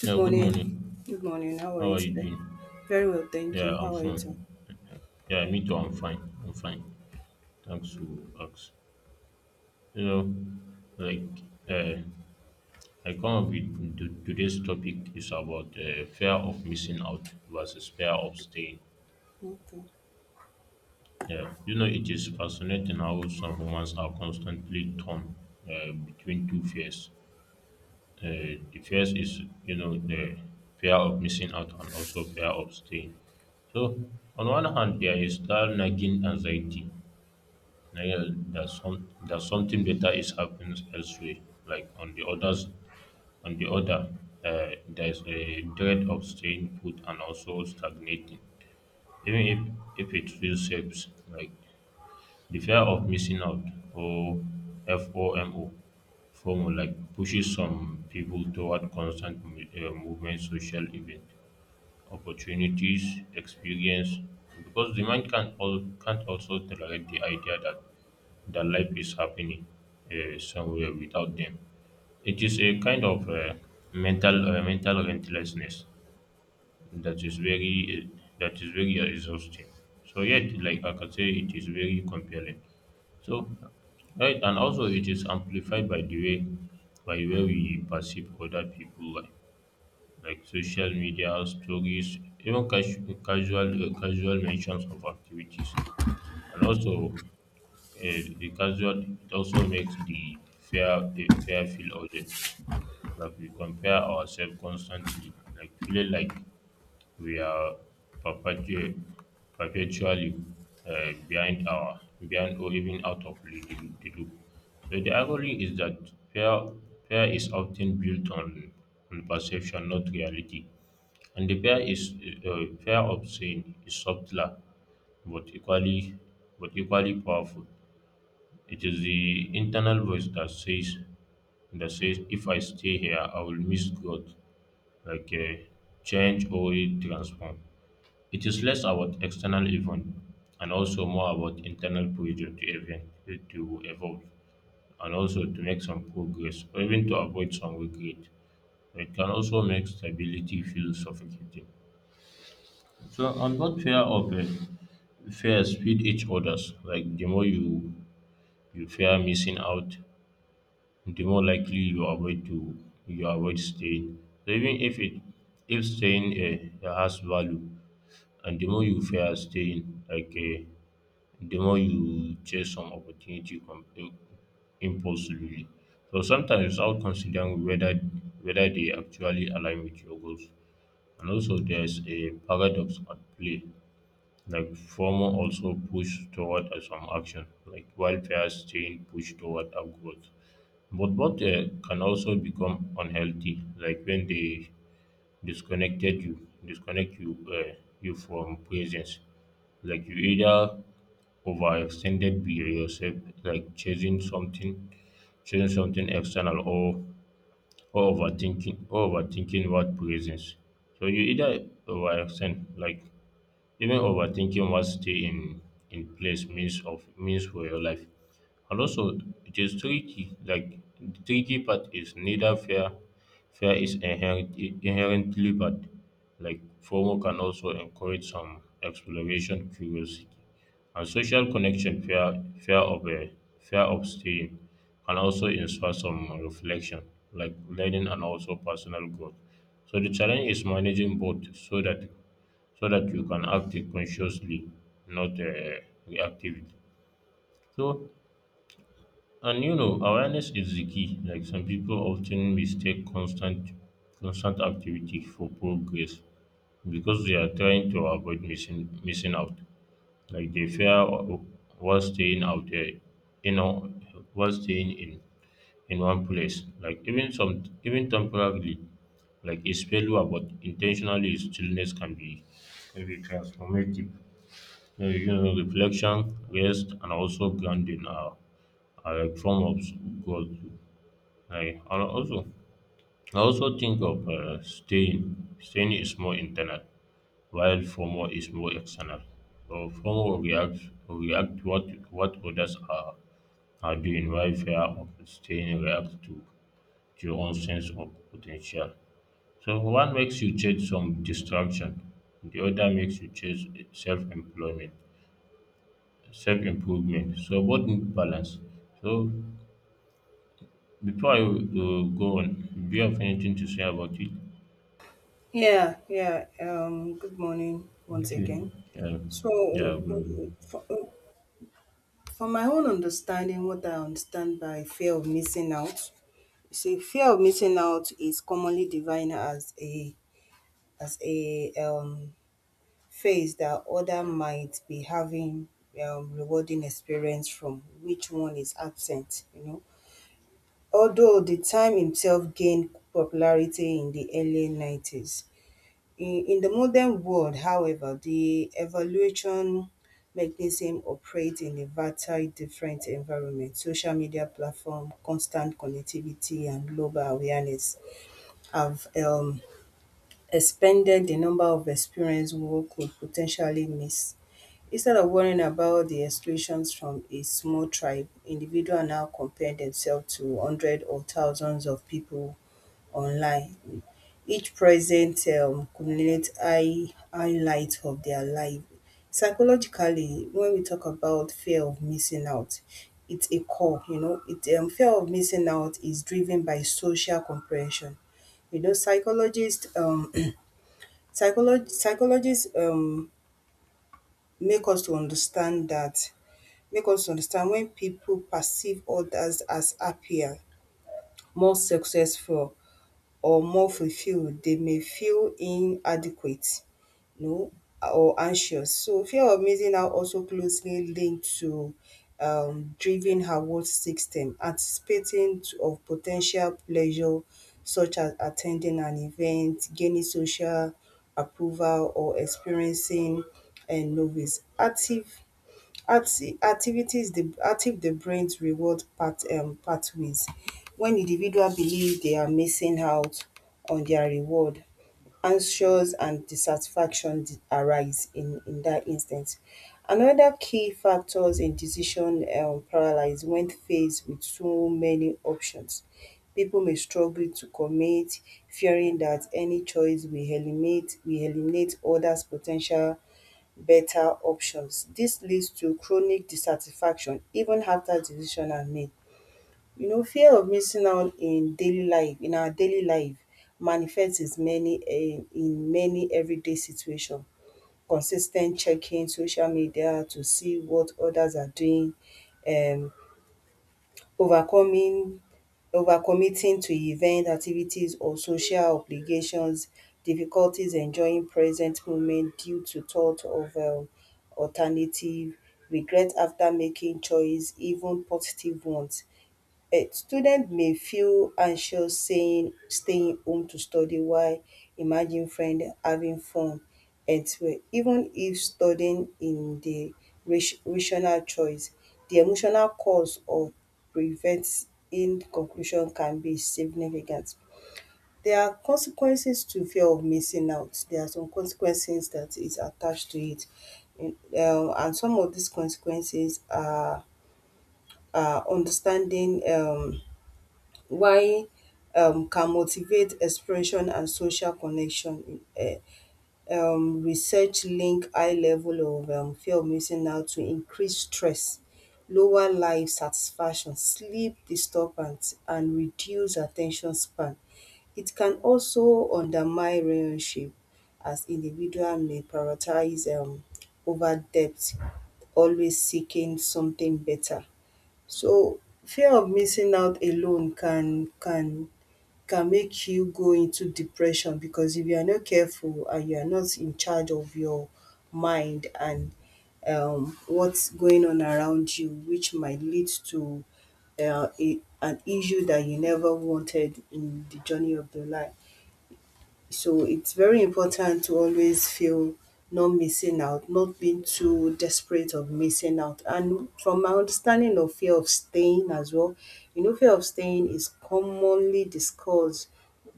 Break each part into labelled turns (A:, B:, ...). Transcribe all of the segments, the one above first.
A: Yeah,
B: Good
A: good
B: morning.
A: morning.
B: Good morning. How are
A: How
B: you
A: are you
B: today?
A: doing?
B: Very well, thank
A: Yeah,
B: you.
A: I'm
B: How are you too?
A: fine. Yeah, me too. I'm fine. I'm fine. Thanks to ask. You know, like, uh, I come up with today's topic is about fear of missing out versus fear of staying.
B: Okay.
A: Yeah, you know, it is fascinating how some humans are constantly torn between two fears. The first is, you know, the fear of missing out and also fear of staying. So, on one hand, there is that nagging anxiety. Like, yeah, that some that something better is happens elsewhere. Like on the others, on the other, there's a dread of staying put and also stagnating, even if it feels safe. Like the fear of missing out or FOMO FOMO like pushes some people toward constant movement, social event, opportunities, experience, because the mind can't also tolerate the idea that life is happening somewhere without them. It is a kind of mental rentlessness that is very that is very exhausting. So yet, like I can say, it is very compelling. So right, and also it is amplified by the way we perceive other people, like social media stories, even casual mentions of activities, and also a casual it also makes the fair a fair feel urgent. Like we compare ourselves constantly, like feeling like we are perpetu- perpetually uh, behind our behind or even out of the loop. So the irony is that fair fair is often built on perception, not reality. And the pair of sin is subtler, but equally but equally powerful. It is the internal voice that says if I stay here I will miss God, like a change or a transform. It is less about external event and also more about internal pressure to evolve and also to make some progress or even to avoid some regret. It can also make stability feel suffocating. So I'm not fear of it. Fears feed each others. Like the more you fear missing out, the more likely you avoid staying. So even if it if staying has value, and the more you fear staying, the more you chase some opportunity impulsively. So sometimes without considering whether they actually align with your goals. And also there's a paradox at play. Like FOMO also push toward some action, like while fear staying push toward upgrowth. But both can also become unhealthy, like when they disconnect you, you from presence. Like you either overextended be yourself, like chasing something, chasing something external, or overthinking what presence. So you either overextend, like even overthinking what in place means for your life. And also it is tricky. Like the tricky part is neither fear is inherently bad. Like FOMO can also encourage some exploration, curiosity. And social connection, fear of staying can also inspire some reflection, like learning and also personal growth. So the challenge is managing both so that you can act consciously, not reactively. So, and you know, awareness is the key. Like some people often mistake constant activity for progress because they are trying to avoid missing out. Like they fear o- while staying out there, you know, while staying in one place. Like even some even temporarily, like it's failure, but intentionally stillness can be transformative. You know, reflection, rest, and also grounding are a form of growth. I and also I also think of Staying is more internal, while FOMO is more external. So FOMO react what others are doing, while fear of staying reacts to your own sense of potential. So one makes you chase some distraction, the other makes you chase self-employment. self improvement. So both need balance. So before I go on, do you have anything to say about it?
B: Yeah, yeah. Good morning once
A: Okay.
B: again.
A: Yeah.
B: So,
A: Yeah. Bro.
B: for, for my own understanding, what I understand by fear of missing out, you see, fear of missing out is commonly defined as a phase that other might be having rewarding experience from which one is absent. You know, although the term itself gained popularity in the early 90s, in the modern world, however, the evaluation mechanism operates in a vastly different environment. Social media platform, constant connectivity, and global awareness have expanded the number of experiences one could potentially miss. Instead of worrying about the exclusions from a small tribe, individuals now compare themselves to hundreds or thousands of people online. Each present communicate highlight of their life. Psychologically, when we talk about fear of missing out, it's a core, you know, it fear of missing out is driven by social compression. You know, psychologist psychologists make us to understand that make us understand when people perceive others as happier, more successful or more fulfilled. They may feel inadequate, you know, or anxious. So fear of missing out also closely linked to driven reward system, anticipating of potential pleasure such as attending an event, gaining social approval or experiencing novice. Active Acti activities the active the brain's reward pathways. When individual believe they are missing out on their reward, anxious and dissatisfaction arise in that instance. Another key factors in decision paralysis when faced with so many options. People may struggle to commit, fearing that any choice will eliminate others potential. Better options. Dis leads to chronic dissatisfaction even after decisions are made. You know, fear of missing out in daily life in our daily life manifest is many in many everyday situation. Consis ten t checking social media to see what others are doing, um overcoming overcommitting to events, activities or social obligations, difficulties enjoying present moment due to thought of alternative, regret after making choice even positive ones. A student may feel anxious saying staying home to study while imagine friend having fun elsewhere even if studying in the rational choice. The emotional cause of preventing conclusion can be significant. There are consequences to fear of missing out. There are some consequences that is attached to it, and some of these consequences are understanding why can motivate expression and social connection. Research link high level of fear of missing out to increase stress, lower life satisfaction, sleep disturbance and reduce attention span. It can also undermine relationship as individual may prioritize over depth, always seeking something better. So fear of missing out alone can make you go into depression, because if you are not careful and you are not in charge of your mind and what's going on around you, which might lead to an issue that you never wanted in the journey of your life. So it's very important to always feel not missing out, not being too desperate of missing out. And from my understanding of fear of staying as well, you know, fear of staying is commonly discussed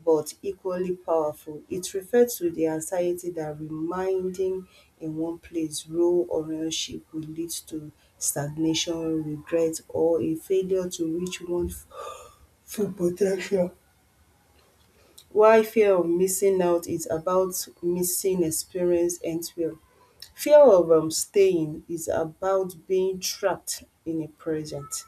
B: but equally powerful. It refers to the anxiety that reminding in one place, role or relationship will lead to stagnation, regret, or a failure to reach one full potential. Why fear of missing out is about missing experience elsewhere. Fear of staying is about being trapped in the present.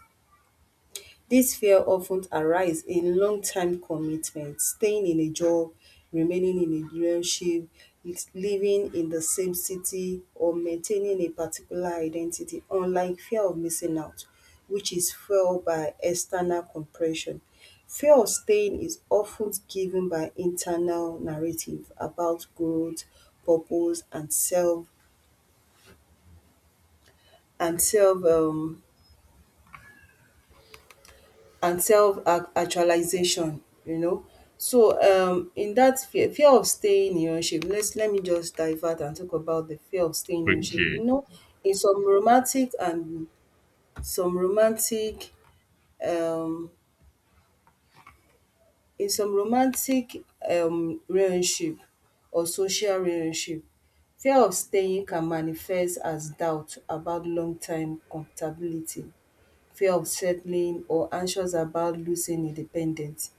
B: This fear of ten arise in long-term commitment, staying in a job, remaining in a relationship, living in the same city or maintaining a particular identity, unlike fear of missing out which is fueled by external compression. Fear of staying is of ten given by internal narrative about growth, purpose and and self um self-actualization, you know. So in that fear of staying in relationship, let me just divert and talk about the fear of staying in relationship.
A: Okay.
B: You know, in some romantic and some romantic um in some romantic relationship or social relationship, fear of staying can manifest as doubt about long-term compatibility, fear of settling or anxious about losing independence.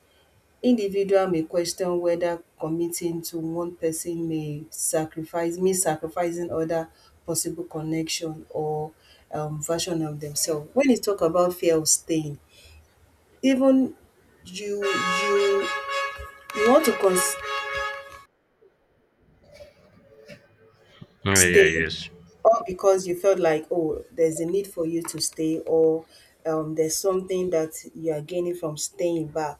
B: Individual may question whether committing to one person may sacrifice mean sacrificing other possible connection or version of themselves. When you talk about fear of staying, even you you you want to
A: Oh, yeah. Yeah.
B: stay.
A: Yes.
B: Or because you felt like, oh, there's a need for you to stay, or there's something that you are gaining from staying back,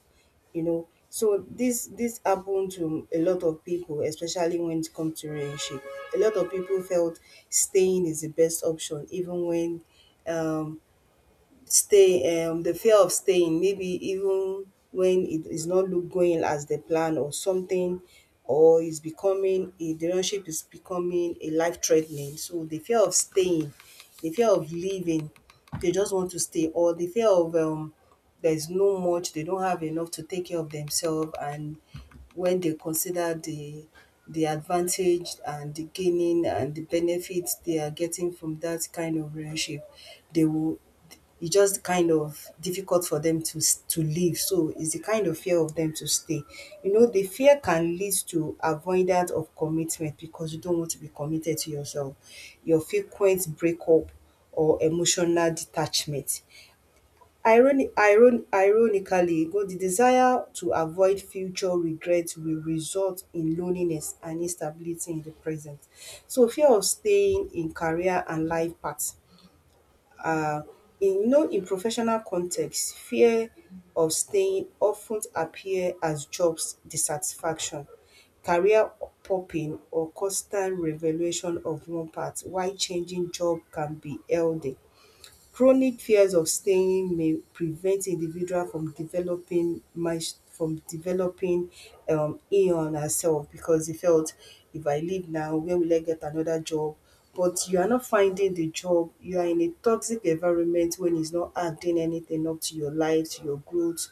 B: you know. So this happened to a lot of people, especially when it comes to relationship. A lot of people felt staying is the best option, even when um, stay the fear of staying, maybe even when it is not look going as the plan or something, or is becoming a the relationship is becoming a life threatening. So the fear of staying, the fear of leaving, they just want to stay, or the fear of there's no much, they don't have enough to take care of themselves, and when they consider the advantage and the gaining and the benefits they are getting from that kind of relationship, they will, it's just kind of difficult for them to to leave. So it's the kind of fear of them to stay. You know, the fear can lead to avoidance of commitment, because you don't want to be committed to yourself. Your frequent breakup or emotional detachment. Ironically, the desire to avoid future regrets will result in loneliness and instability in the present. So fear of staying in career and life path. um in you know, in professional context, fear of staying often appear as jobs dissatisfaction, career popping or constant revaluation of one path. While changing job can be healthy, chronic fears of staying may prevent individual from developing mis- from developing in on herself, because they felt if I leave now, where will I get another job? But you are not finding the job, you are in a toxic environment when it's not adding anything up to your life, to your growth.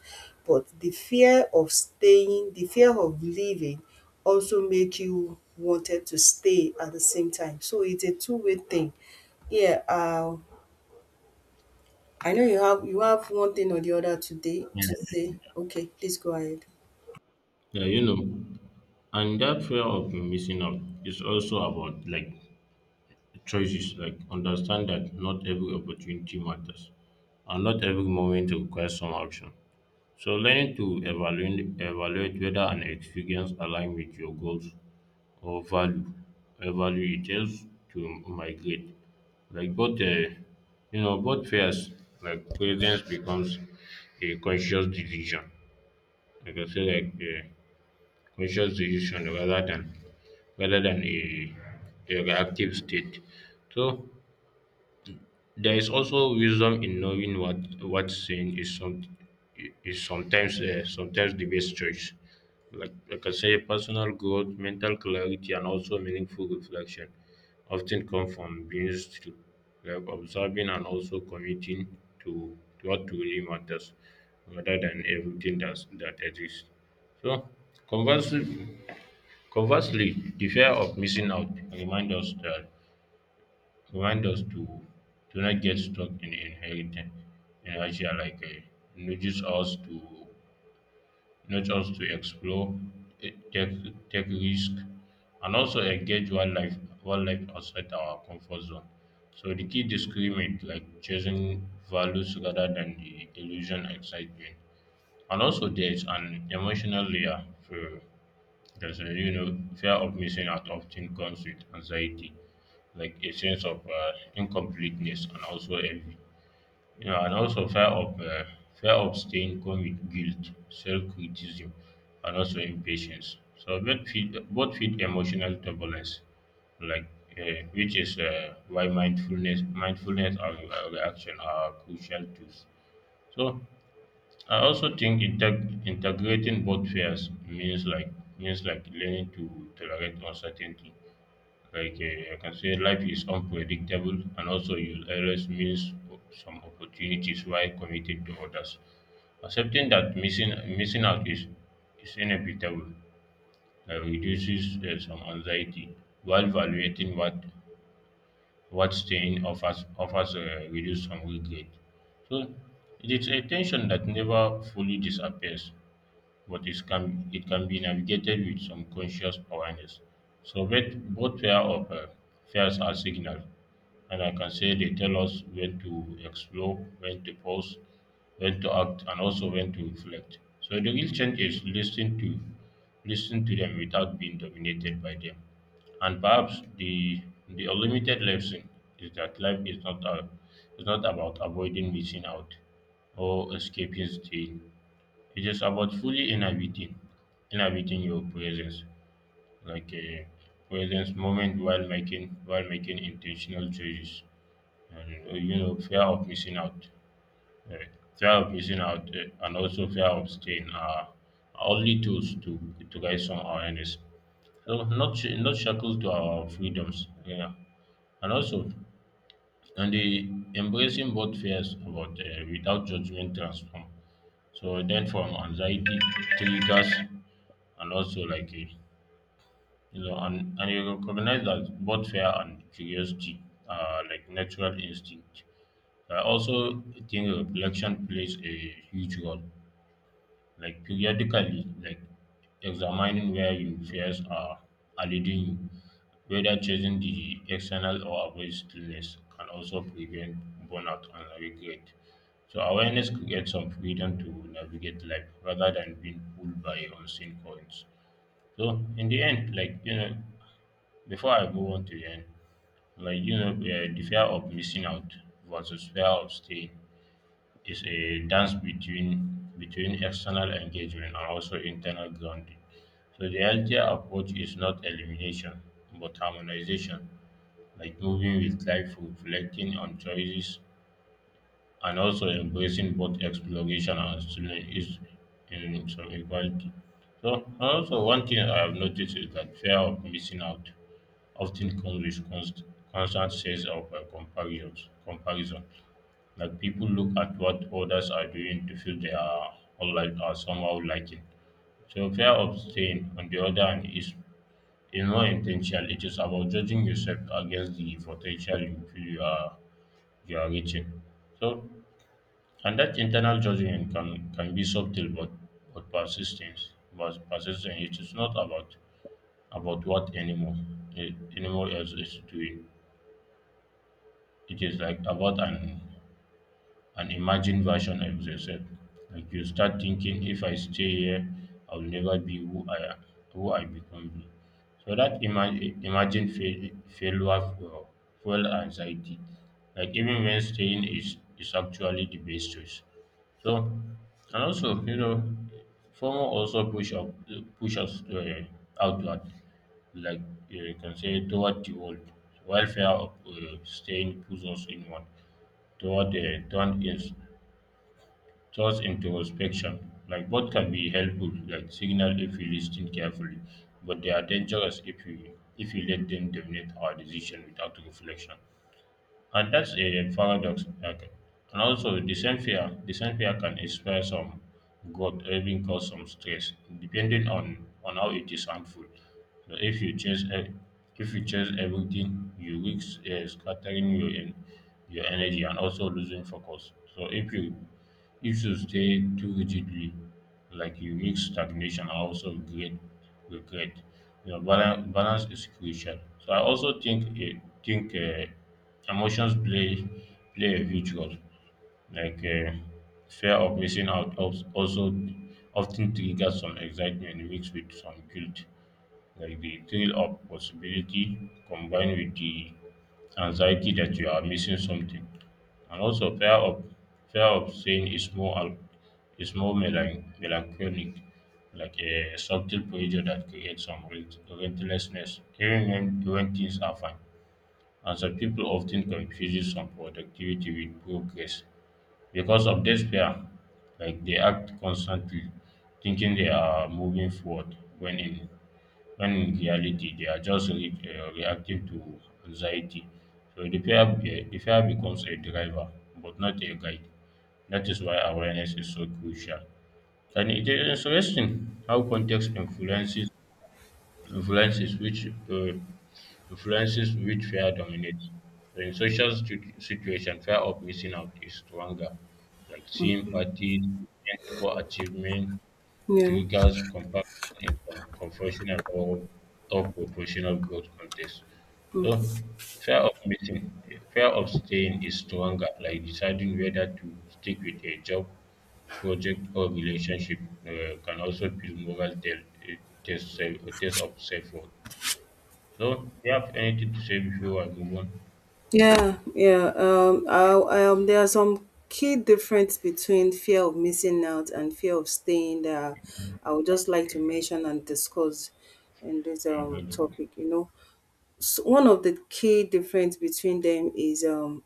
B: But the fear of staying, the fear of leaving, also make you wanted to stay at the same time. So it's a two-way thing, yeah. I know you have one thing or the other today
A: Yeah,
B: to say. Okay, please go ahead.
A: yeah. You know, and that fear of missing out is also about like choices. Like understand that not every opportunity matters, and not every moment requires some action. So learning to evaluate whether an experience aligns with your goals or value it helps to migrate, like both, you know, both fears, like presence becomes a conscious decision, like I say like a conscious decision rather than a reactive state. So there is also wisdom in knowing what sin is some is sometimes sometimes the best choice. Personal growth, mental clarity, and also meaningful reflection often come from being still, like observing and also committing to what truly matters, rather than everything that exists. So conversely, Conversely, the fear of missing out remind us to not get stuck in inheriting inertia, like nudges us to nudge us to explore, eh, take risk, and also engage wildlife outside our comfort zone. So the key discriminate, like choosing values rather than the illusion excitement. And also there's an emotional layer for there's a, you know, fear of missing out often comes with anxiety, like a sense of incompleteness and also envy. You know, and also fear of staying come with guilt, self-criticism, and also impatience. So both feed emotional turbulence, like which is why mindfulness and reaction are crucial tools. So I also think integrating both fears means like learning to tolerate uncertainty, I can say life is unpredictable, and also you'll always miss some opportunities while committed to others. Accepting that missing out is inevitable reduces some anxiety, while evaluating what staying offers reduce some regret. So it is a tension that never fully disappears, but it can be navigated with some conscious awareness. So both pair of fears are signals, and I can say they tell us when to explore, when to pause, when to act, and also when to reflect. So the real change is listen to them without being dominated by them. And perhaps the unlimited lesson is that life is not a, is not about avoiding missing out or escaping the. It is about fully inhabiting your presence, like a presence moment while making intentional choices. And uh, fear of missing out, and also fear of staying are only tools to guide some awareness. So not shackled to our freedoms, yeah, and also and the embracing both fears about without judgment transform so then from anxiety triggers, and also like a, you know and you recognize that both fear and curiosity are like natural instinct. I also think reflection plays a huge role, like periodically, like examining where your fears are leading you, whether chasing the external or avoid stillness can also prevent burnout and regret. So awareness creates some freedom to navigate life rather than being pulled by unseen currents. So in the end, like, you know, before I go on to the end, like, you know, the fear of missing out versus fear of staying is a dance between external engagement and also internal grounding. So the healthier approach is not elimination but harmonization, like moving with life, reflecting on choices, and also embracing both exploration and student is in some equality. So and also one thing I have noticed is that fear of missing out often comes with constant sense of comparison, like people look at what others are doing to feel they are unlike or somehow lacking. So fear of staying, on the other hand, is more intentional. It is about judging yourself against the potential you feel you are reaching. So and that internal judgment can be subtle, but persistence. but persistence, it is not about about what anymore eh, anymore else is doing. It is like about an imagined version of yourself. Like you start thinking, if I stay here, I will never be who I am, who I become. Be. So that imagined fail- failure for fuel anxiety. Like even when staying is actually the best choice. So and also, you know, FOMO also push us outward, like, you can say toward the world, while fear of staying pushes us inward toward the turned in, thoughts introspection. Like both can be helpful, like signal if you listen carefully, but they are dangerous if you let them dominate our decision without reflection. And that's a paradox. Like, and also, the same fear can inspire some growth or even cause some stress, depending on how it is harmful. So if you chase, if you chase everything, you risk scattering your your energy and also losing focus. So if you stay too rigidly, like you mix stagnation and also great regret. You know, balance, balance is crucial. So I also think think emotions play play a huge role. Like fear of missing out also often triggers some excitement mixed with some guilt. Like the thrill of possibility combined with the anxiety that you are missing something. And also fear of saying is more is more melancholic, like a subtle pressure that creates some rentlessness, even when things are fine. And some people often confuse some productivity with progress because of this fear. Like they act constantly, thinking they are moving forward when in reality they are just reactive to anxiety. So the fear, the fear becomes a driver, but not a guide. That is why awareness is so crucial. And it is interesting how context influences influences which uh, influences which fear dominates. So in social situation, fear of missing out is stronger, like seeing parties, event, or achievement
B: Yeah,
A: triggers comparison in some conventional or proportional growth context. So fear of missing fear of staying is stronger, like deciding whether to stick with a job, project or relationship can also feel moral tell eh, test self test of self worth. So do you have anything to say before I move on?
B: yeah. There are some key difference between fear of missing out and fear of staying there. I would just like to mention and discuss in this
A: Mhm.
B: topic. You know, so one of the key difference between them is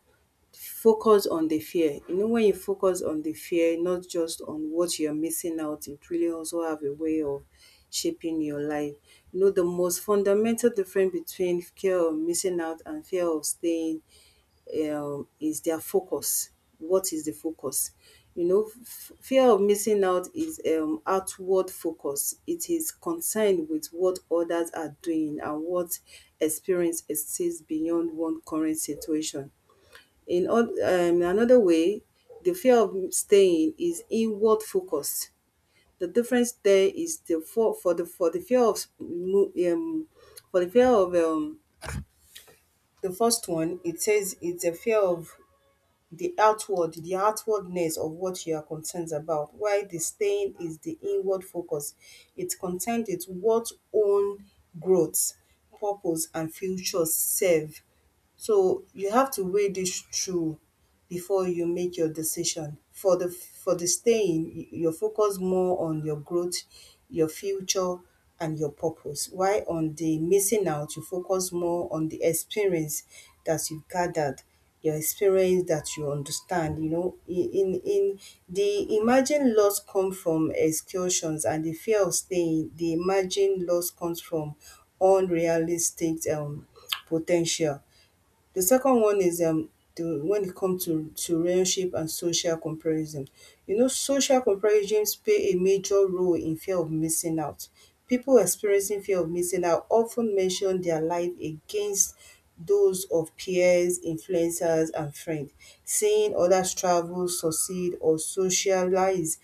B: focus on the fear. You know, when you focus on the fear, not just on what you're missing out, it really also have a way of shaping your life. You know, the most fundamental difference between fear of missing out and fear of staying, is their focus. What is the focus? You know, fear of missing out is outward focus. It is concerned with what others are doing and what experience exists beyond one current situation. In another way, the fear of staying is inward focused. The difference there is the fear of mo- for the fear of the first one. It says it's a fear of the outward, the outwardness of what you are concerned about. While the staying is the inward focus. It concerns its what own growth, purpose, and future self. So you have to weigh this through before you make your decision. For the staying, you focus more on your growth, your future, and your purpose. While on the missing out, you focus more on the experience that you've gathered, your experience that you understand. You know, in the imagined loss come from excursions, and the fear of staying. The imagined loss comes from unrealistic potential. The second one is the when it comes to relationship and social comparison. You know, social comparisons play a major role in fear of missing out. People experiencing fear of missing out often mention their life against those of peers, influencers and friends. Seeing others travel, succeed or socialize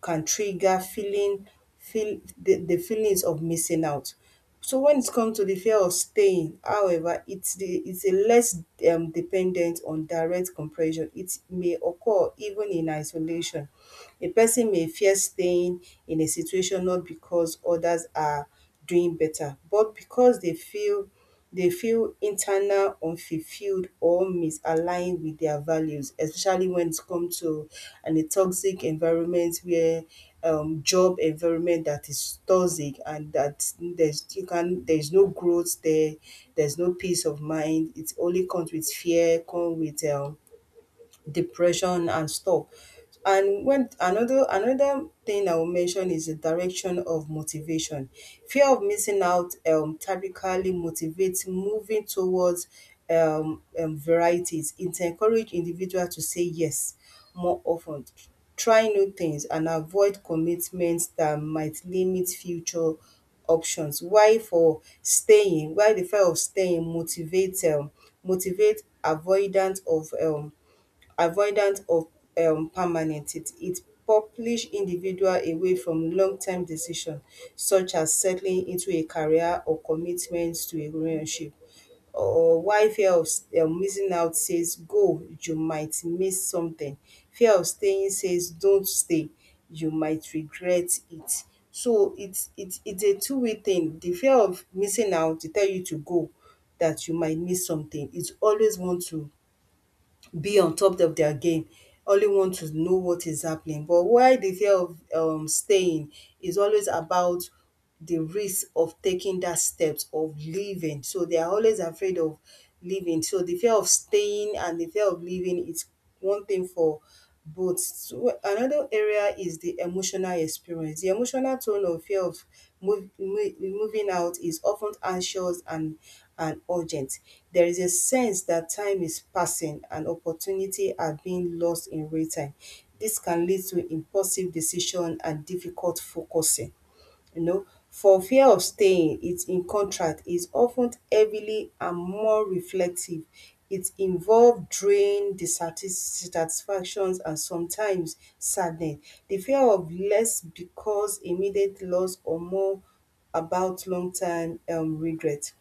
B: can trigger the feelings of missing out. So when it comes to the fear of staying, however, it's a less dependent on direct compression. It may occur even in isolation. A person may fear staying in a situation not because others are doing better, but because they feel internal unfulfilled or misaligned with their values, especially when it comes to an a toxic environment where job environment that is toxic and that there's you can there's no growth there, there's no peace of mind. It only comes with fear, come with depression and stuff. And when another another thing I will mention is the direction of motivation. Fear of missing out typically motivates moving towards varieties. It encourage individual to say yes more often, try new things and avoid commitments that might limit future options. Why for staying? Why the fear of staying motivate avoidance of avoidance of permanent it propulse individual away from long term decision such as settling into a career or commitment to a relationship or while fear of missing out says go you might miss something, fear of staying says don't stay you might regret it. So it's a two-way thing. The fear of missing out dey tell you to go dat you might miss something, it always want to be on top of their game, only want to know what is happening. But why the fear of staying is always about the risk of taking that steps of leaving, so they are always afraid of leaving. So the fear of staying and the fear of leaving is one thing for but so. Another area is the emotional experience. The emotional tone of fear of moving out is often anxious and urgent. There is a sense that time is passing and opportunity are being lost in real time. This can lead to impulsive decision and difficult focusing, you know. For fear of staying, its in contract is often heavily and more reflective. It involve drain, dissatisfactions and sometimes sadness. The fear of less because immediate loss or more about long term regret.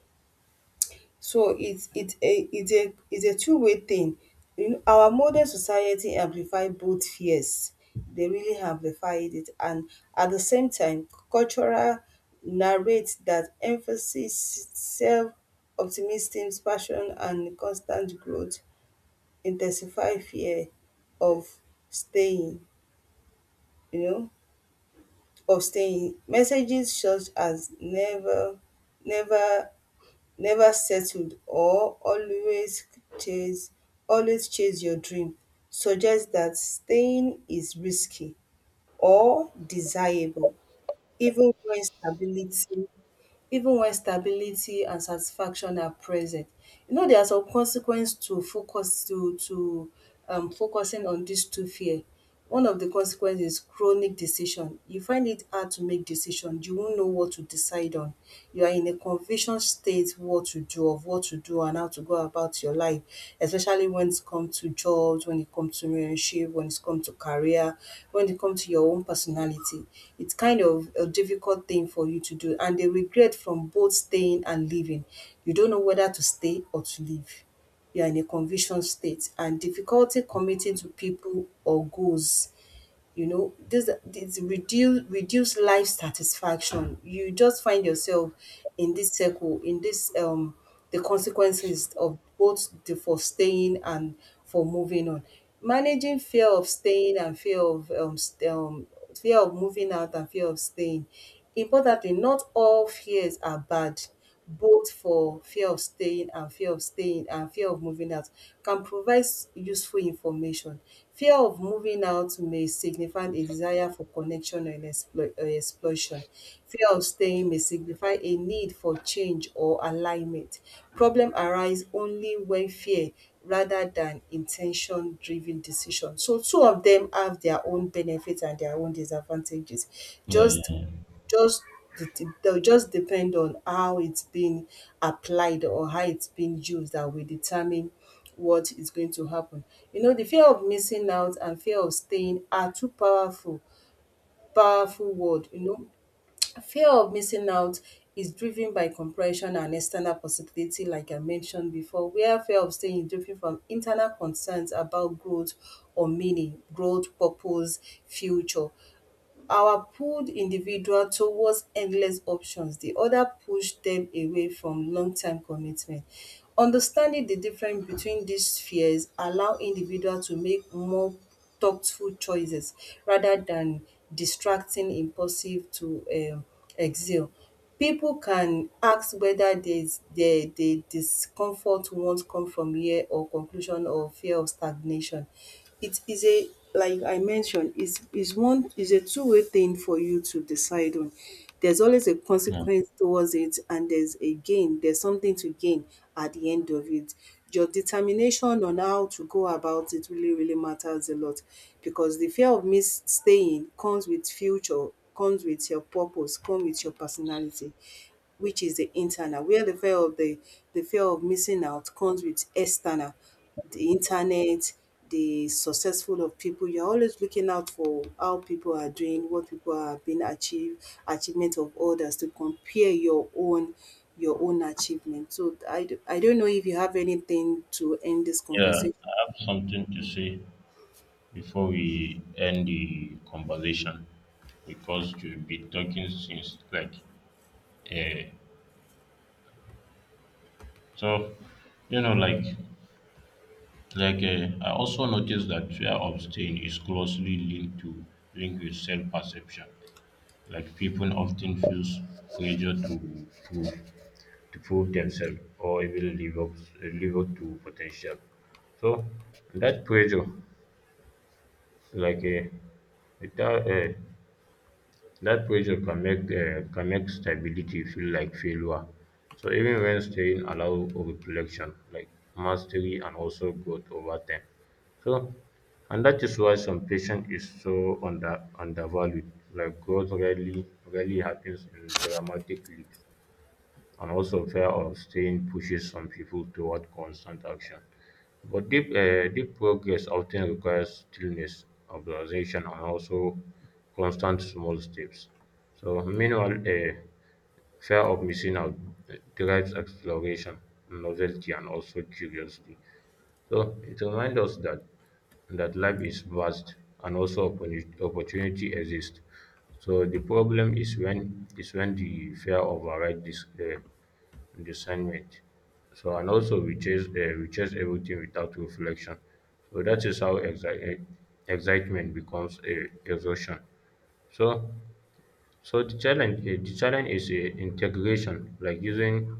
B: So it's a two-way thing. You know, our modern society amplify both fears. They really amplified it, and at the same time cultural narrates that emphasis self optimism, passion and constant growth intensify fear of staying, you know, of staying. Messages such as never never settled or chase always chase your dream suggests that staying is risky or desirable even when stability and satisfaction are present. You know, there are some consequence to focusing on dis two fear. One of the consequences is chronic decision. You find it hard to make decision, you don't know what to decide on, you are in a confusion state, what to do and how to go about your life, especially when it comes to jobs, when it comes to relationship, when it comes to career, when it comes to your own personality. Its kind of a difficult thing for you to do, and di regret from both staying and leaving, you don't know whether to stay or to leave, you are in a conviction state and difficulty committing to people or goals. You know, this reduce life satisfaction, you just find yourself in this circle, in this the consequences of both the for staying and for moving on. Managing fear of staying and fear of moving out and fear of staying. Importantly, not all fears are bad. Both for fear of staying and fear of staying and fear of moving out can provide useful information. Fear of moving out may signify a desire for connection and exploration. Fear of staying may signify a need for change or alignment. Problem arise only when fear rather than intention driven decision. So two of them have their own benefits and their own disadvantages.
A: Yeah,
B: Just
A: yeah,
B: just they'll just depend on how it's being applied or how it's being used, that will determine what is going to happen. You know, the fear of missing out and fear of staying are two powerful word. You know, fear of missing out is driven by compression and external possibility, like I mentioned before, where fear of staying is driven from internal concerns about growth or meaning, growth, purpose, future. Our pulled individual towards endless options, the other pushed them away from long-term commitment. Understanding the difference between these fears allow individual to make more thoughtful choices rather than distracting impulsive to um exhale. People can ask whether weda the discomfort won't come from fear or conclusion or fear of stagnation. It is a, like I mentioned, is a two-way thing for you to decide on. There's always a
A: yeah.
B: consequence towards it, and there's a gain, there's something to gain at the end of it. Your determination on how to go about it really matters a lot, because the fear of miss staying comes with future, comes with your purpose, comes with your personality, which is the internal. Where the fear of missing out comes with external, the internet, the successful of people. You're always looking out for how people are doing, what people are being achievement of others to compare your own achievement. So I don't know if you have anything to end this
A: Yeah,
B: conversation.
A: I have something to say before we end the conversation because you've been talking since like uh, so you know like I also noticed that fear of staying is closely linked to linked with self perception. Like people often feel pressure to prove themselves or even live up to potential. So that pressure, like uh, it, uh, that pressure can make stability feel like failure, so even when staying allow reflection, like mastery and also growth over time. So and that is why some patient is so undervalued, like growth rarely happens in dramatic leaps. And also fear of staying pushes some people toward constant action, but deep progress often requires stillness, observation, and also constant small steps. So, meanwhile, fear of missing out drives exploration, novelty, and also curiosity. So, it reminds us that life is vast and also opportunity exists. So the problem is when the fear overrides this discernment. So and also we chase everything without reflection. So that is how excitement becomes a exhaustion. So the challenge is integration, like using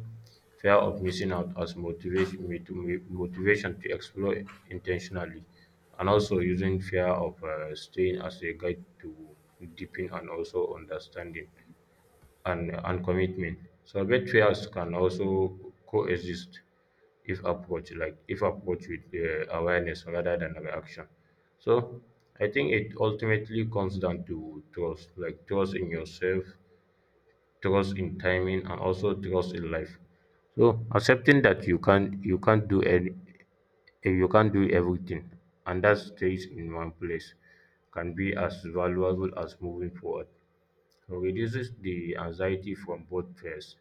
A: fear of missing out as motivation to explore intentionally, and also using fear of staying as a guide to deepen and also understanding and commitment. Celebrate fears can also coexist if approached, like if approached with awareness rather than reaction. So I think it ultimately comes down to trust, like trust in yourself, trust in timing, and also trust in life. So accepting that you can't do everything, and that stays in one place, can be as valuable as moving forward. So reduces the anxiety from both fears,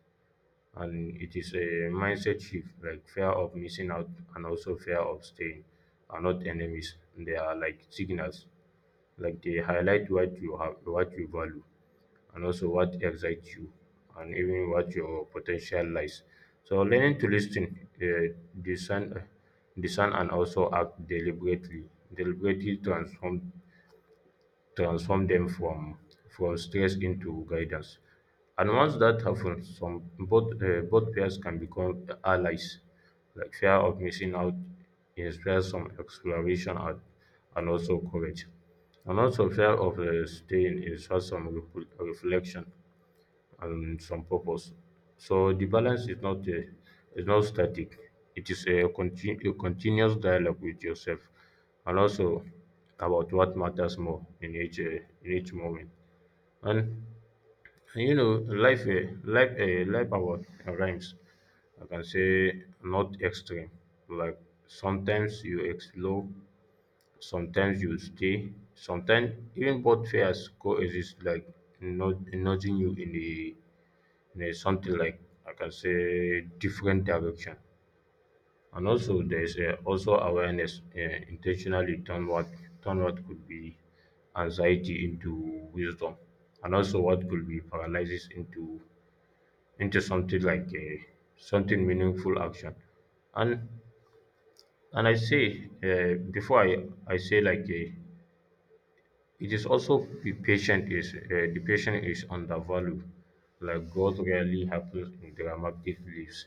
A: and it is a mindset shift, like fear of missing out and also fear of staying are not enemies, they are like signals, like they highlight what you have, what you value, and also what excites you, and even what your potential lies. So learning to listen, discern, discern and also act deliberately deliberately transform transform them from stress into guidance. And once that happens, some both pairs can become allies. Like fear of missing out inspires some exploration and also courage. And also fear of staying inspires some reflection and some purpose. So the balance is not static. It is a continuous dialogue with yourself, and also about what matters more in each moment. And, and you know, life about rhymes. I can say not extreme. Like sometimes you explore, sometimes you stay, sometimes even both fears coexist, like not nudging you in the in a something like, I can say, different direction. And also there is also awareness, intentionally turn what could be anxiety into wisdom, and also what could be paralysis into something like something meaningful action. And and I say before I say like it is also the patient is, the patient is undervalued. Like growth rarely happens in dramatic leaps.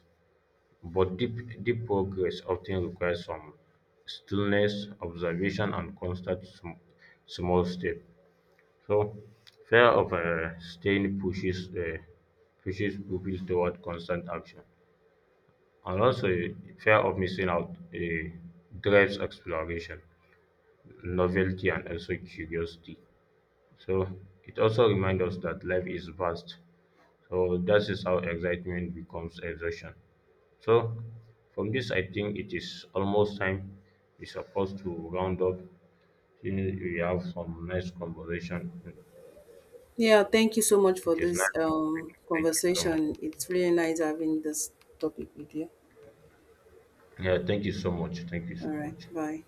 A: But deep, deep progress often requires some stillness, observation, and constant small step. So, fear of staying pushes people toward constant action, and also fear of missing out drives exploration, novelty, and also curiosity. So, it also reminds us that life is vast. So, that is how excitement becomes exhaustion. So from this, I think it is almost time we're supposed to round up. You know, we have some nice conversation.
B: Yeah, thank you so much for
A: It is nice
B: this
A: conversation. Thank you so much.
B: conversation. It's really nice having this topic with you.
A: Yeah, thank you so much. Thank you
B: All
A: so
B: right.
A: much.
B: Bye.